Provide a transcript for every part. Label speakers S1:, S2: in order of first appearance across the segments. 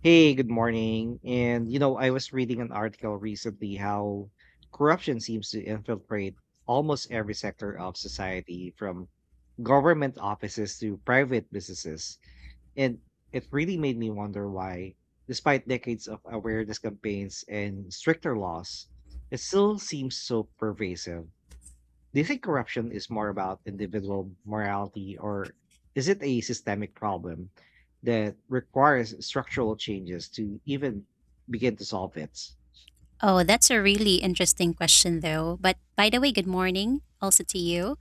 S1: Hey, good morning. And you know, I was reading an article recently how corruption seems to infiltrate almost every sector of society, from government offices to private businesses. And it really made me wonder why, despite decades of awareness campaigns and stricter laws, it still seems so pervasive. Do you think corruption is more about individual morality or is it a systemic problem that requires structural changes to even begin to solve it?
S2: Oh, that's a really interesting question, though. But by the way, good morning also to you.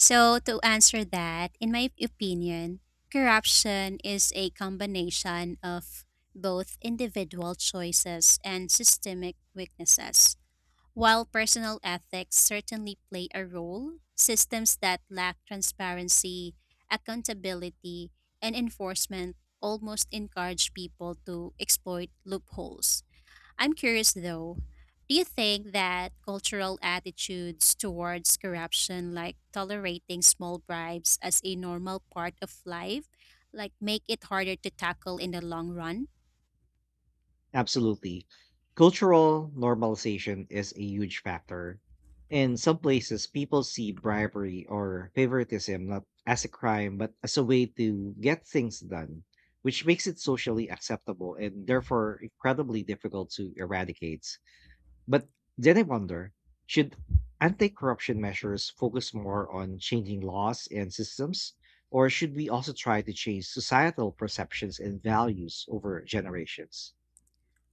S2: So, to answer that, in my opinion, corruption is a combination of both individual choices and systemic weaknesses. While personal ethics certainly play a role, systems that lack transparency, accountability, and enforcement almost encourage people to exploit loopholes. I'm curious though, do you think that cultural attitudes towards corruption, like tolerating small bribes as a normal part of life, like make it harder to tackle in the long run?
S1: Absolutely. Cultural normalization is a huge factor. In some places, people see bribery or favoritism not as a crime, but as a way to get things done, which makes it socially acceptable and therefore incredibly difficult to eradicate. But then I wonder, should anti corruption measures focus more on changing laws and systems, or should we also try to change societal perceptions and values over generations?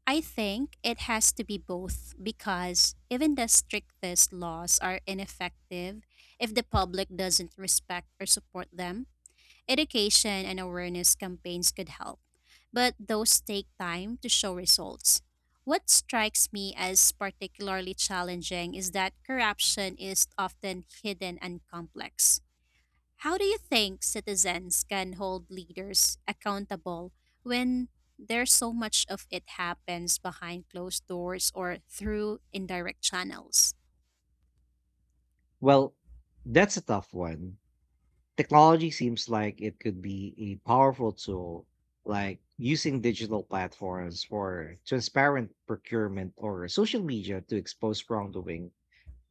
S2: I think it has to be both because even the strictest laws are ineffective if the public doesn't respect or support them. Education and awareness campaigns could help, but those take time to show results. What strikes me as particularly challenging is that corruption is often hidden and complex. How do you think citizens can hold leaders accountable when there's so much of it happens behind closed doors or through indirect channels?
S1: Well, that's a tough one. Technology seems like it could be a powerful tool, like using digital platforms for transparent procurement or social media to expose wrongdoing.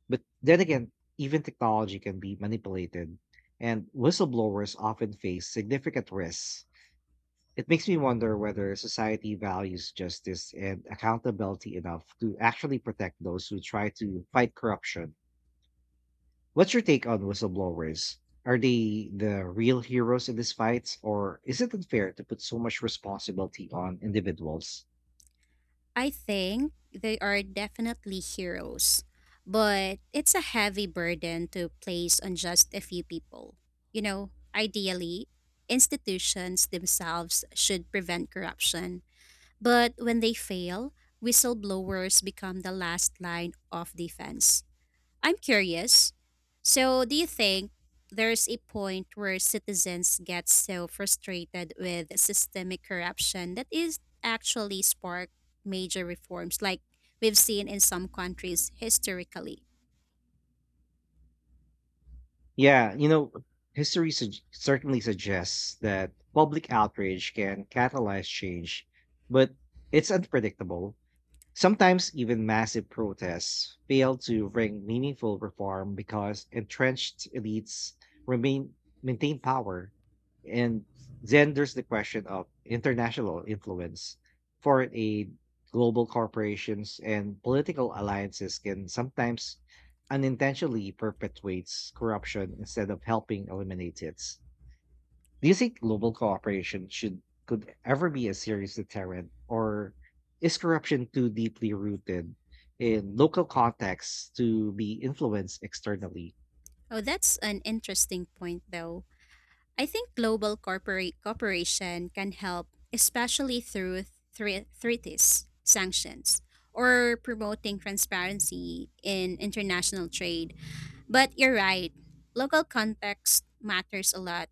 S1: But then again, even technology can be manipulated, and whistleblowers often face significant risks. It makes me wonder whether society values justice and accountability enough to actually protect those who try to fight corruption. What's your take on whistleblowers? Are they the real heroes in these fights, or is it unfair to put so much responsibility on individuals?
S2: I think they are definitely heroes, but it's a heavy burden to place on just a few people. You know, ideally, institutions themselves should prevent corruption, but when they fail, whistleblowers become the last line of defense. I'm curious. So, do you think there's a point where citizens get so frustrated with systemic corruption that is actually spark major reforms like we've seen in some countries historically?
S1: Yeah, you know, certainly suggests that public outrage can catalyze change, but it's unpredictable. Sometimes even massive protests fail to bring meaningful reform because entrenched elites remain maintain power, and then there's the question of international influence, foreign aid, global corporations, and political alliances can sometimes unintentionally perpetuates corruption instead of helping eliminate it. Do you think global cooperation should could ever be a serious deterrent, or is corruption too deeply rooted in local contexts to be influenced externally?
S2: Oh, that's an interesting point though. I think global corporate cooperation can help, especially through treaties, sanctions, or promoting transparency in international trade. But you're right. Local context matters a lot.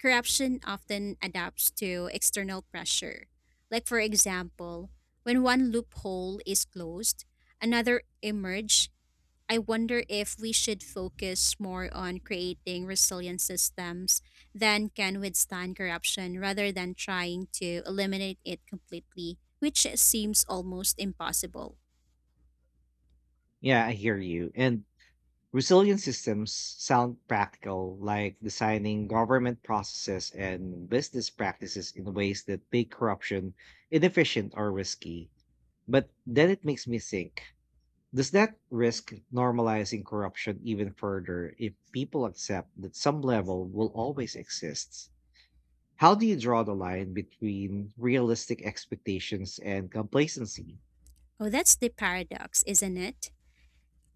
S2: Corruption often adapts to external pressure. Like, for example, when one loophole is closed, another emerge. I wonder if we should focus more on creating resilient systems that can withstand corruption rather than trying to eliminate it completely, which seems almost impossible.
S1: Yeah, I hear you. And resilient systems sound practical, like designing government processes and business practices in ways that make corruption inefficient or risky. But then it makes me think, does that risk normalizing corruption even further if people accept that some level will always exist? How do you draw the line between realistic expectations and complacency?
S2: Oh, that's the paradox, isn't it?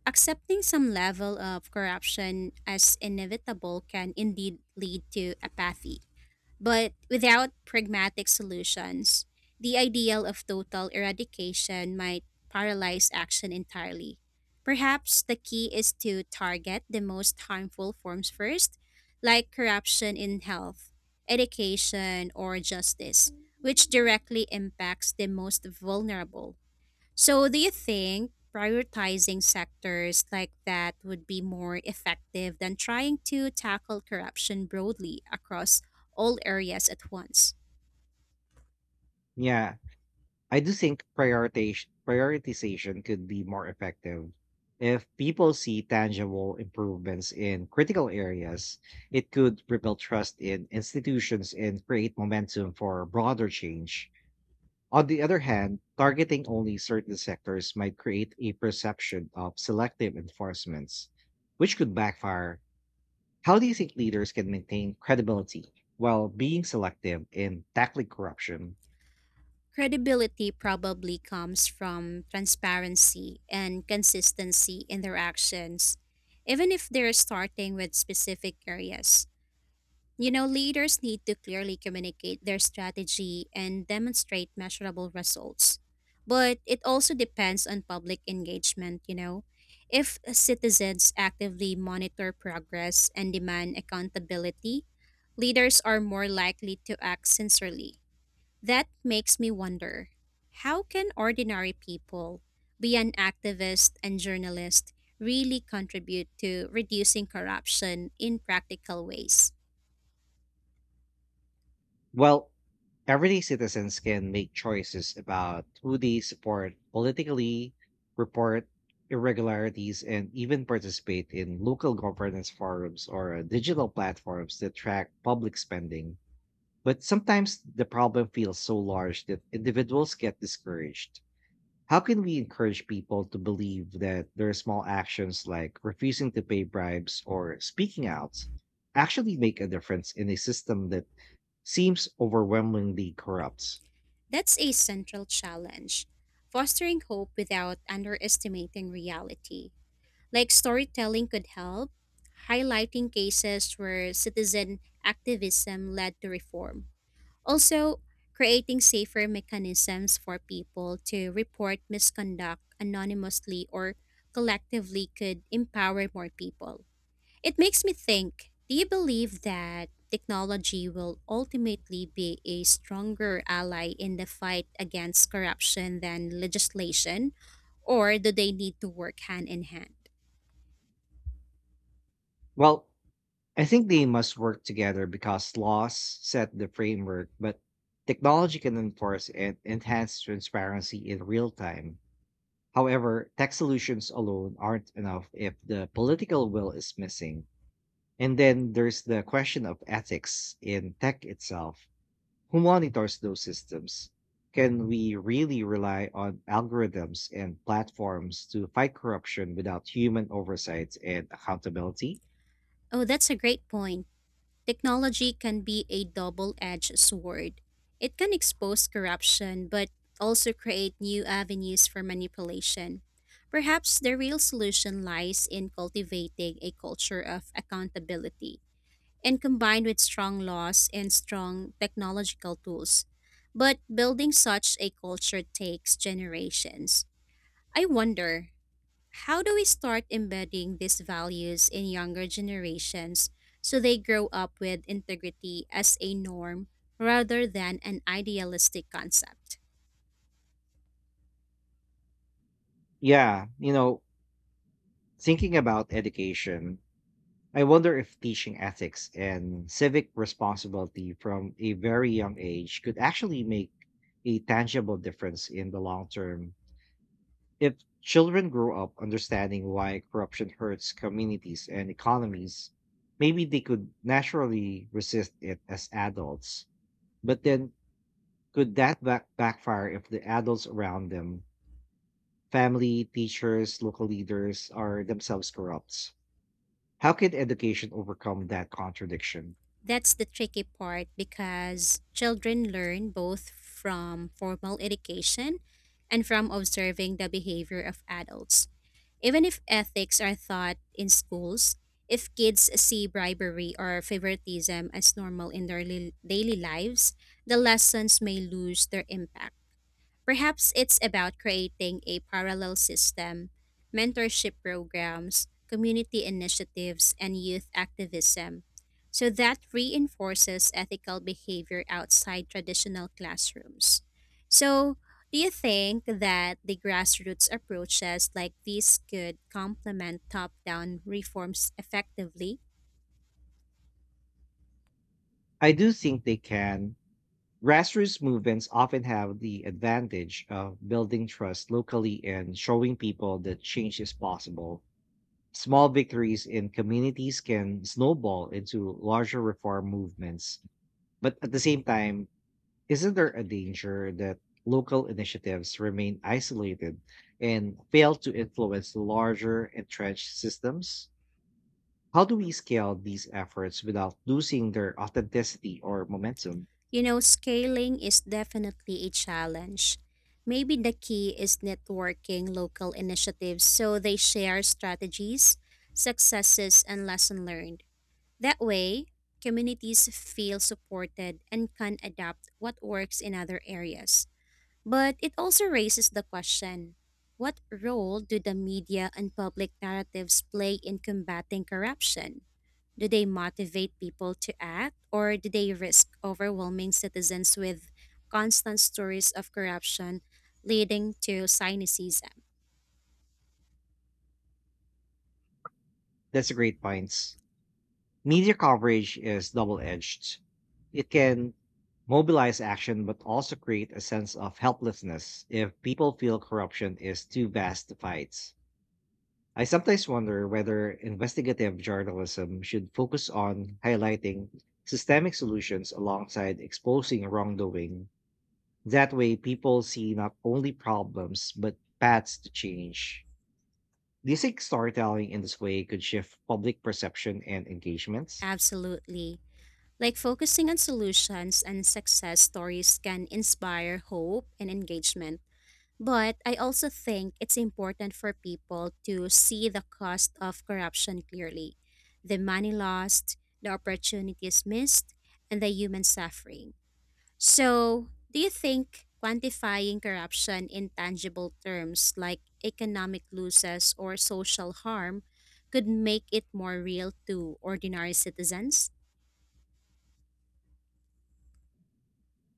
S2: Accepting some level of corruption as inevitable can indeed lead to apathy. But without pragmatic solutions, the ideal of total eradication might paralyze action entirely. Perhaps the key is to target the most harmful forms first, like corruption in health, education, or justice, which directly impacts the most vulnerable. So, do you think prioritizing sectors like that would be more effective than trying to tackle corruption broadly across all areas at once?
S1: Yeah, I do think prioritation prioritization could be more effective. If people see tangible improvements in critical areas, it could rebuild trust in institutions and create momentum for broader change. On the other hand, targeting only certain sectors might create a perception of selective enforcements, which could backfire. How do you think leaders can maintain credibility while being selective in tackling corruption?
S2: Credibility probably comes from transparency and consistency in their actions, even if they're starting with specific areas. You know, leaders need to clearly communicate their strategy and demonstrate measurable results. But it also depends on public engagement, you know. If citizens actively monitor progress and demand accountability, leaders are more likely to act sincerely. That makes me wonder, how can ordinary people, beyond activists and journalists, really contribute to reducing corruption in practical ways?
S1: Well, everyday citizens can make choices about who they support politically, report irregularities, and even participate in local governance forums or digital platforms that track public spending. But sometimes the problem feels so large that individuals get discouraged. How can we encourage people to believe that their small actions, like refusing to pay bribes or speaking out, actually make a difference in a system that seems overwhelmingly corrupt?
S2: That's a central challenge, fostering hope without underestimating reality. Like storytelling could help, highlighting cases where citizen activism led to reform. Also, creating safer mechanisms for people to report misconduct anonymously or collectively could empower more people. It makes me think, do you believe that technology will ultimately be a stronger ally in the fight against corruption than legislation, or do they need to work hand in hand?
S1: Well, I think they must work together because laws set the framework, but technology can enforce and enhance transparency in real time. However, tech solutions alone aren't enough if the political will is missing. And then there's the question of ethics in tech itself. Who monitors those systems? Can we really rely on algorithms and platforms to fight corruption without human oversight and accountability?
S2: Oh, that's a great point. Technology can be a double edged sword. It can expose corruption, but also create new avenues for manipulation. Perhaps the real solution lies in cultivating a culture of accountability and combined with strong laws and strong technological tools. But building such a culture takes generations. I wonder, how do we start embedding these values in younger generations so they grow up with integrity as a norm rather than an idealistic concept?
S1: Yeah, you know, thinking about education, I wonder if teaching ethics and civic responsibility from a very young age could actually make a tangible difference in the long term. If children grow up understanding why corruption hurts communities and economies, maybe they could naturally resist it as adults. But then, could that backfire if the adults around them, family, teachers, local leaders, are themselves corrupt? How can education overcome that contradiction?
S2: That's the tricky part because children learn both from formal education and from observing the behavior of adults. Even if ethics are taught in schools, if kids see bribery or favoritism as normal in their daily lives, the lessons may lose their impact. Perhaps it's about creating a parallel system, mentorship programs, community initiatives, and youth activism. So that reinforces ethical behavior outside traditional classrooms. So, do you think that the grassroots approaches like these could complement top down reforms effectively?
S1: I do think they can. Grassroots movements often have the advantage of building trust locally and showing people that change is possible. Small victories in communities can snowball into larger reform movements. But at the same time, isn't there a danger that local initiatives remain isolated and fail to influence larger entrenched systems? How do we scale these efforts without losing their authenticity or momentum?
S2: You know, scaling is definitely a challenge. Maybe the key is networking local initiatives so they share strategies, successes, and lessons learned. That way, communities feel supported and can adapt what works in other areas. But it also raises the question, what role do the media and public narratives play in combating corruption? Do they motivate people to act, or do they risk overwhelming citizens with constant stories of corruption leading to cynicism?
S1: That's a great points. Media coverage is double edged. It can mobilize action, but also create a sense of helplessness if people feel corruption is too vast to fight. I sometimes wonder whether investigative journalism should focus on highlighting systemic solutions alongside exposing wrongdoing. That way, people see not only problems, but paths to change. Do you think storytelling in this way could shift public perception and engagement?
S2: Absolutely. Like focusing on solutions and success stories can inspire hope and engagement. But I also think it's important for people to see the cost of corruption clearly, the money lost, the opportunities missed, and the human suffering. So, do you think quantifying corruption in tangible terms like economic losses or social harm could make it more real to ordinary citizens?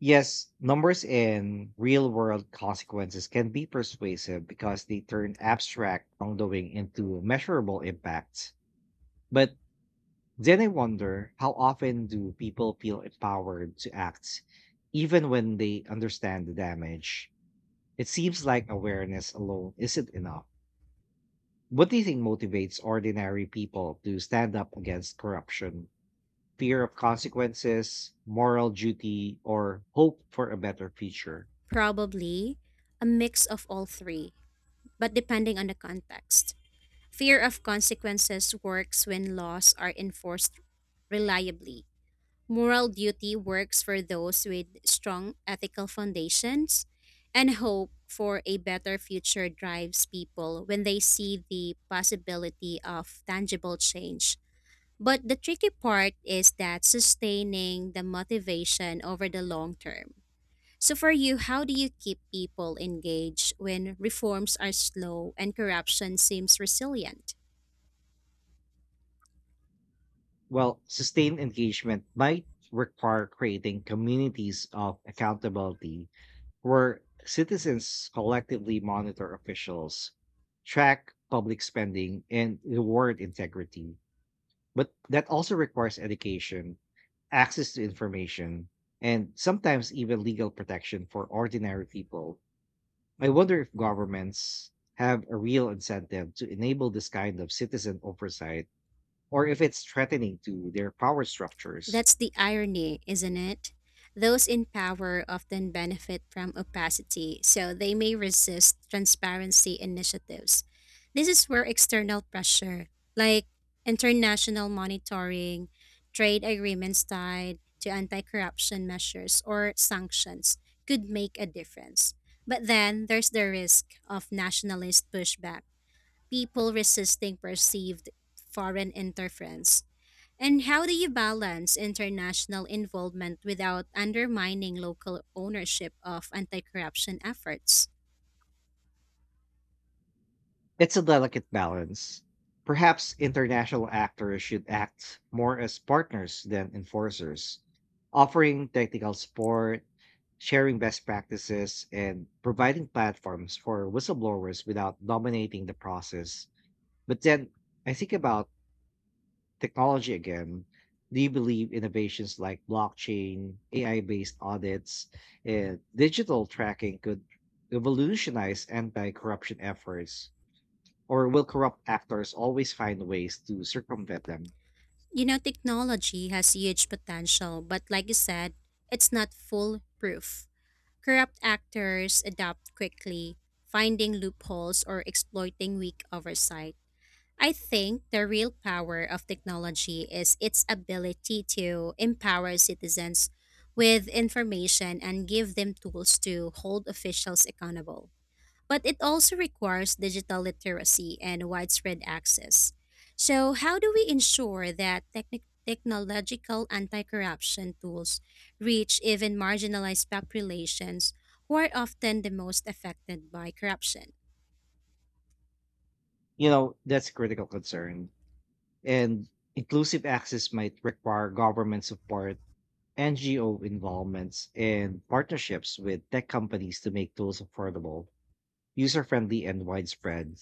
S1: Yes, numbers and real world consequences can be persuasive because they turn abstract wrongdoing into measurable impacts. But then I wonder, how often do people feel empowered to act, even when they understand the damage? It seems like awareness alone isn't enough. What do you think motivates ordinary people to stand up against corruption? Fear of consequences, moral duty, or hope for a better future?
S2: Probably a mix of all three, but depending on the context. Fear of consequences works when laws are enforced reliably. Moral duty works for those with strong ethical foundations, and hope for a better future drives people when they see the possibility of tangible change. But the tricky part is that sustaining the motivation over the long term. So, for you, how do you keep people engaged when reforms are slow and corruption seems resilient?
S1: Well, sustained engagement might require creating communities of accountability where citizens collectively monitor officials, track public spending, and reward integrity. But that also requires education, access to information, and sometimes even legal protection for ordinary people. I wonder if governments have a real incentive to enable this kind of citizen oversight, or if it's threatening to their power structures.
S2: That's the irony, isn't it? Those in power often benefit from opacity, so they may resist transparency initiatives. This is where external pressure, like international monitoring, trade agreements tied to anti corruption measures, or sanctions, could make a difference. But then there's the risk of nationalist pushback, people resisting perceived foreign interference. And how do you balance international involvement without undermining local ownership of anti corruption efforts?
S1: It's a delicate balance. Perhaps international actors should act more as partners than enforcers, offering technical support, sharing best practices, and providing platforms for whistleblowers without dominating the process. But then I think about technology again. Do you believe innovations like blockchain, AI based audits, and digital tracking could revolutionize anti corruption efforts? Or will corrupt actors always find ways to circumvent them?
S2: You know, technology has huge potential, but like you said, it's not foolproof. Corrupt actors adapt quickly, finding loopholes or exploiting weak oversight. I think the real power of technology is its ability to empower citizens with information and give them tools to hold officials accountable. But it also requires digital literacy and widespread access. So, how do we ensure that technological anti corruption tools reach even marginalized populations who are often the most affected by corruption?
S1: You know, that's a critical concern. And inclusive access might require government support, NGO involvements, and partnerships with tech companies to make tools affordable, user friendly, and widespread.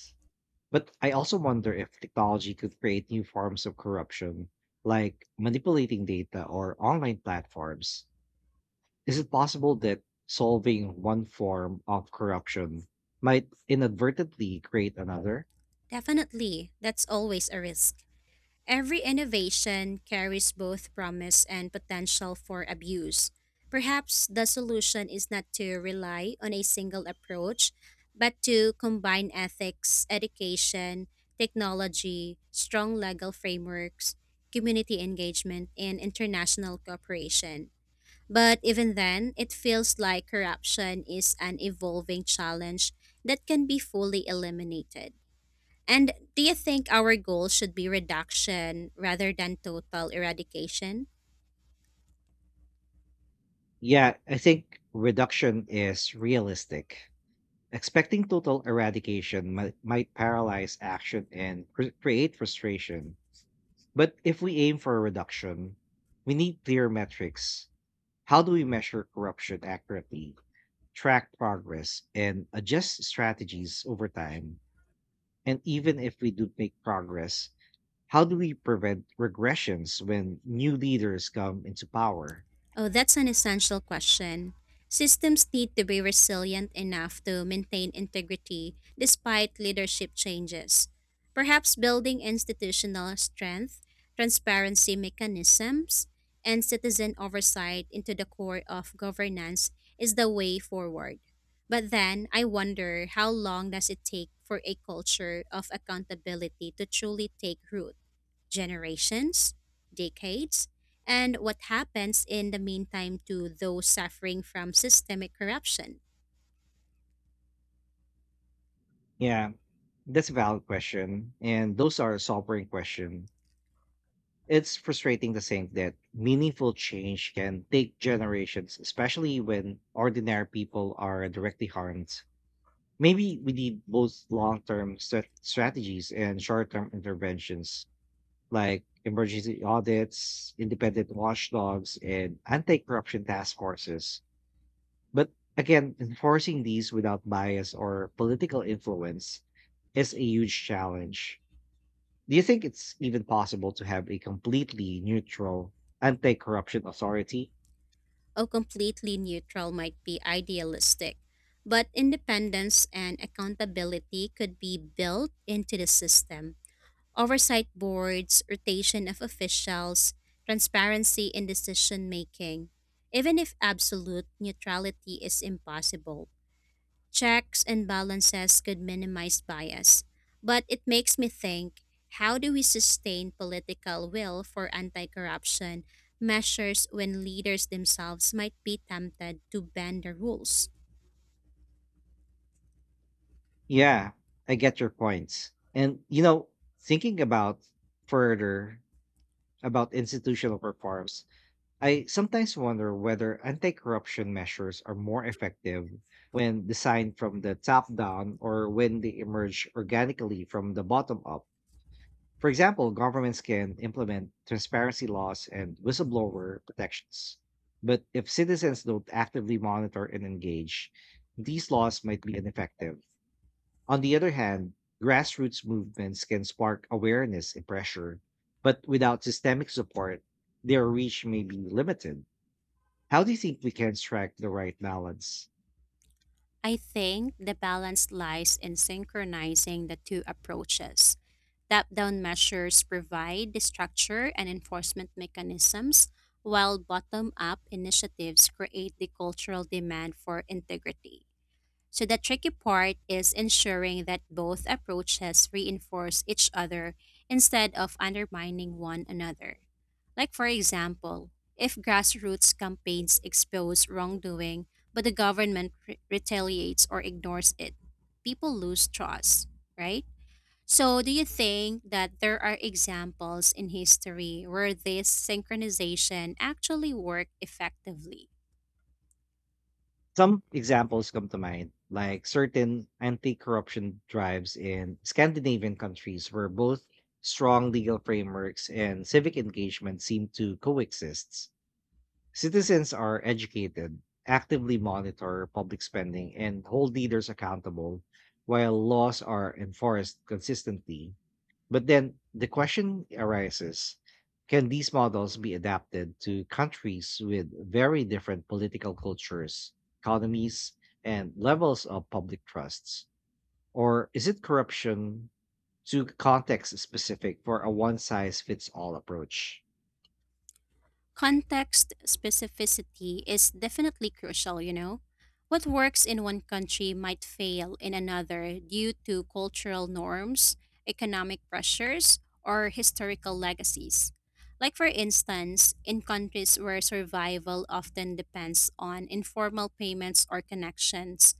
S1: But I also wonder if technology could create new forms of corruption, like manipulating data or online platforms. Is it possible that solving one form of corruption might inadvertently create another?
S2: Definitely, that's always a risk. Every innovation carries both promise and potential for abuse. Perhaps the solution is not to rely on a single approach, but to combine ethics, education, technology, strong legal frameworks, community engagement, and international cooperation. But even then, it feels like corruption is an evolving challenge that can be fully eliminated. And do you think our goal should be reduction rather than total eradication?
S1: Yeah, I think reduction is realistic. Expecting total eradication might paralyze action and create frustration. But if we aim for a reduction, we need clear metrics. How do we measure corruption accurately, track progress, and adjust strategies over time? And even if we do make progress, how do we prevent regressions when new leaders come into power?
S2: Oh, that's an essential question. Systems need to be resilient enough to maintain integrity despite leadership changes. Perhaps building institutional strength, transparency mechanisms, and citizen oversight into the core of governance is the way forward. But then I wonder, how long does it take for a culture of accountability to truly take root? Generations, decades, and what happens in the meantime to those suffering from systemic corruption?
S1: Yeah, that's a valid question. And those are a sobering question. It's frustrating to think that meaningful change can take generations, especially when ordinary people are directly harmed. Maybe we need both long term strategies and short term interventions like emergency audits, independent watchdogs, and anti corruption task forces. But again, enforcing these without bias or political influence is a huge challenge. Do you think it's even possible to have a completely neutral anti corruption authority?
S2: A completely neutral might be idealistic, but independence and accountability could be built into the system. Oversight boards, rotation of officials, transparency in decision making, even if absolute neutrality is impossible. Checks and balances could minimize bias, but it makes me think, how do we sustain political will for anti corruption measures when leaders themselves might be tempted to bend the rules?
S1: Yeah, I get your points. And, you know, thinking about further about institutional reforms, I sometimes wonder whether anti corruption measures are more effective when designed from the top down or when they emerge organically from the bottom up. For example, governments can implement transparency laws and whistleblower protections. But if citizens don't actively monitor and engage, these laws might be ineffective. On the other hand, grassroots movements can spark awareness and pressure, but without systemic support, their reach may be limited. How do you think we can strike the right balance?
S2: I think the balance lies in synchronizing the two approaches. Top down measures provide the structure and enforcement mechanisms, while bottom up initiatives create the cultural demand for integrity. So the tricky part is ensuring that both approaches reinforce each other instead of undermining one another. Like for example, if grassroots campaigns expose wrongdoing but the government retaliates or ignores it, people lose trust, right? So do you think that there are examples in history where this synchronization actually worked effectively?
S1: Some examples come to mind, like certain anti-corruption drives in Scandinavian countries where both strong legal frameworks and civic engagement seem to coexist. Citizens are educated, actively monitor public spending, and hold leaders accountable, while laws are enforced consistently. But then the question arises, can these models be adapted to countries with very different political cultures, economies, and levels of public trusts? Or is it corruption too context specific for a one size fits all approach?
S2: Context specificity is definitely crucial, you know. What works in one country might fail in another due to cultural norms, economic pressures, or historical legacies. Like, for instance, in countries where survival often depends on informal payments or connections,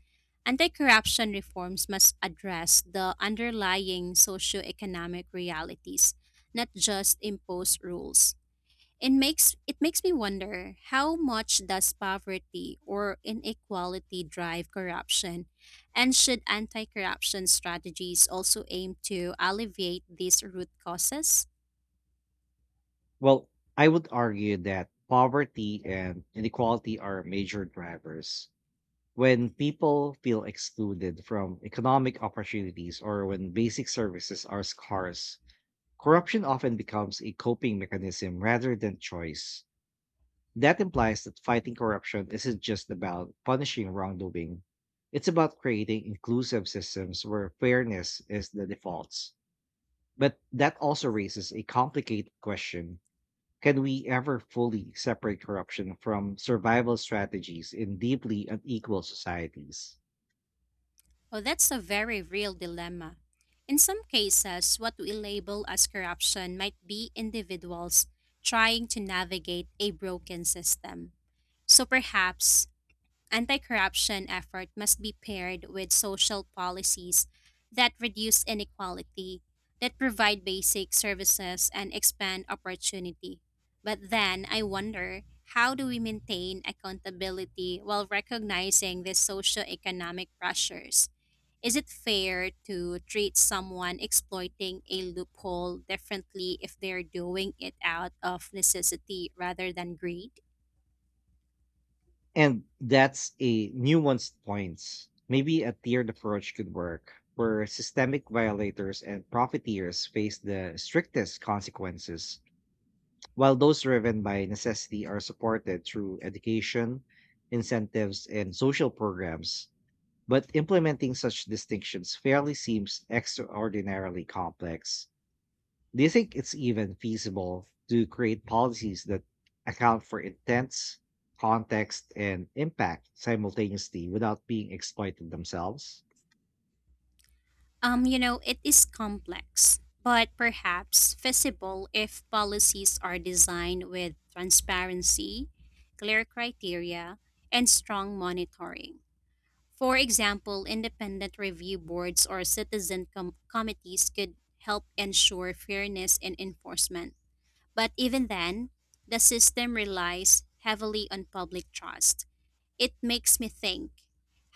S2: anti corruption reforms must address the underlying socioeconomic realities, not just impose rules. It makes me wonder, how much does poverty or inequality drive corruption and should anti-corruption strategies also aim to alleviate these root causes?
S1: Well, I would argue that poverty and inequality are major drivers. When people feel excluded from economic opportunities or when basic services are scarce, corruption often becomes a coping mechanism rather than choice. That implies that fighting corruption isn't just about punishing wrongdoing. It's about creating inclusive systems where fairness is the default. But that also raises a complicated question. Can we ever fully separate corruption from survival strategies in deeply unequal societies?
S2: Oh, that's a very real dilemma. In some cases, what we label as corruption might be individuals trying to navigate a broken system. So perhaps anti corruption effort must be paired with social policies that reduce inequality, that provide basic services, and expand opportunity. But then I wonder, how do we maintain accountability while recognizing these socioeconomic pressures? Is it fair to treat someone exploiting a loophole differently if they're doing it out of necessity rather than greed?
S1: And that's a nuanced point. Maybe a tiered approach could work, where systemic violators and profiteers face the strictest consequences, while those driven by necessity are supported through education, incentives, and social programs. But implementing such distinctions fairly seems extraordinarily complex. Do you think it's even feasible to create policies that account for intents, context, and impact simultaneously without being exploited themselves?
S2: You know, it is complex, but perhaps feasible if policies are designed with transparency, clear criteria, and strong monitoring. For example, independent review boards or committees could help ensure fairness in enforcement. But even then, the system relies heavily on public trust. It makes me think,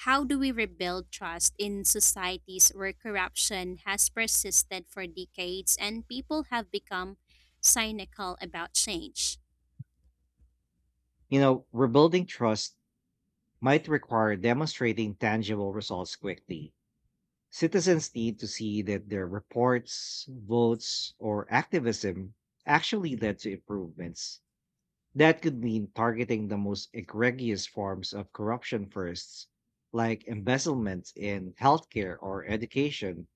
S2: how do we rebuild trust in societies where corruption has persisted for decades and people have become cynical about change?
S1: You know, rebuilding trust might require demonstrating tangible results quickly. Citizens need to see that their reports, votes, or activism actually led to improvements. That could mean targeting the most egregious forms of corruption first, like embezzlement in healthcare or education,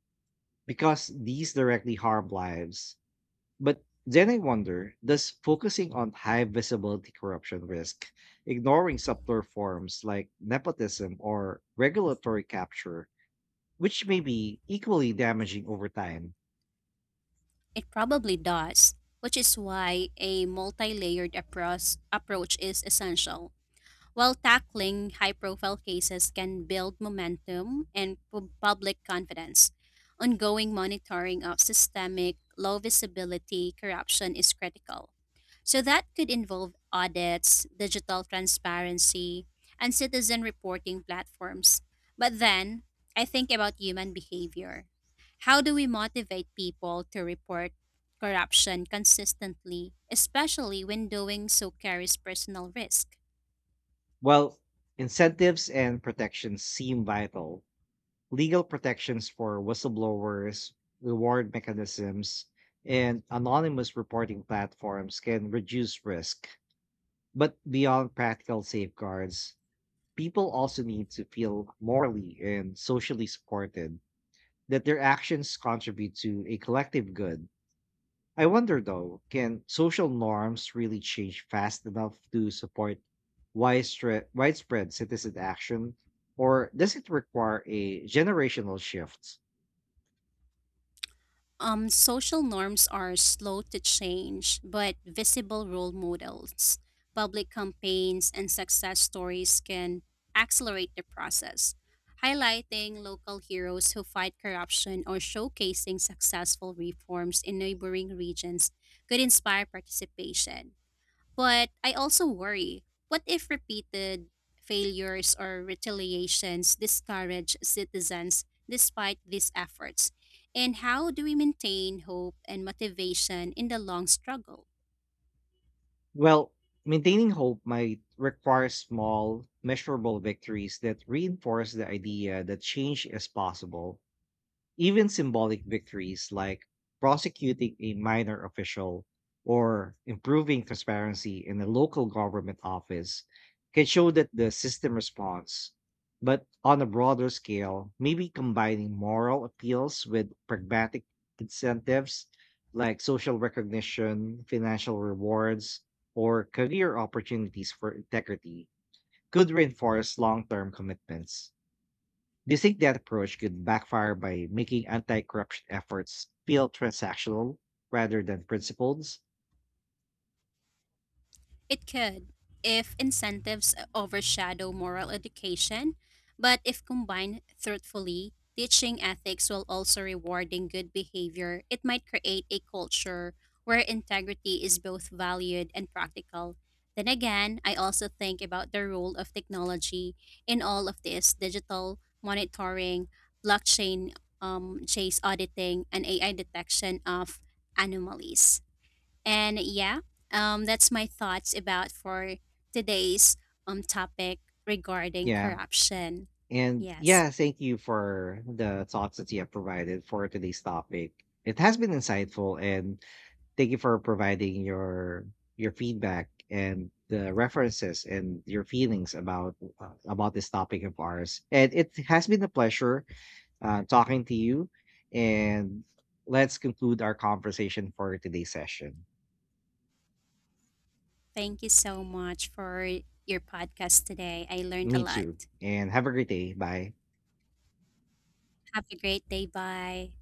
S1: because these directly harm lives. But then I wonder, does focusing on high visibility corruption risk ignoring subtler forms like nepotism or regulatory capture, which may be equally damaging over time?
S2: It probably does, which is why a multi layered approach is essential. While tackling high profile cases can build momentum and public confidence. Ongoing monitoring of systemic, low visibility corruption is critical. So, that could involve audits, digital transparency, and citizen reporting platforms. But then, I think about human behavior. How do we motivate people to report corruption consistently, especially when doing so carries personal risk?
S1: Well, incentives and protections seem vital: legal protections for whistleblowers, reward mechanisms, and anonymous reporting platforms can reduce risk. But beyond practical safeguards, people also need to feel morally and socially supported, that their actions contribute to a collective good. I wonder though, can social norms really change fast enough to support widespread citizen action, or does it require a generational shift?
S2: Social norms are slow to change, but visible role models, public campaigns, and success stories can accelerate the process, highlighting local heroes who fight corruption or showcasing successful reforms in neighboring regions could inspire participation. But I also worry, what if repeated failures or retaliations discourage citizens despite these efforts? And how do we maintain hope and motivation in the long struggle?
S1: Well, maintaining hope might require small, measurable victories that reinforce the idea that change is possible. Even symbolic victories like prosecuting a minor official or improving transparency in a local government office can show that the system responds. But on a broader scale, maybe combining moral appeals with pragmatic incentives like social recognition, financial rewards, or career opportunities for integrity could reinforce long term commitments. Do you think that approach could backfire by making anti-corruption efforts feel transactional rather than principled?
S2: It could, if incentives overshadow moral education, but if combined thoughtfully, teaching ethics while also rewarding good behavior, it might create a culture where integrity is both valued and practical. Then again, I also think about the role of technology in all of this, digital monitoring, blockchain, chase auditing, and AI detection of anomalies. And yeah, that's my thoughts about for today's topic regarding
S1: Yeah.
S2: corruption.
S1: And
S2: Yes,
S1: yeah, thank you for the thoughts that you have provided for today's topic. It has been insightful, and thank you for providing your feedback and the references and your feelings about this topic of ours. And it has been a pleasure talking to you and let's conclude our conversation for today's session.
S2: thank you so much for your podcast today. I learned a
S1: Me
S2: lot.
S1: too. And have a great day. Bye.
S2: Have a great day. Bye.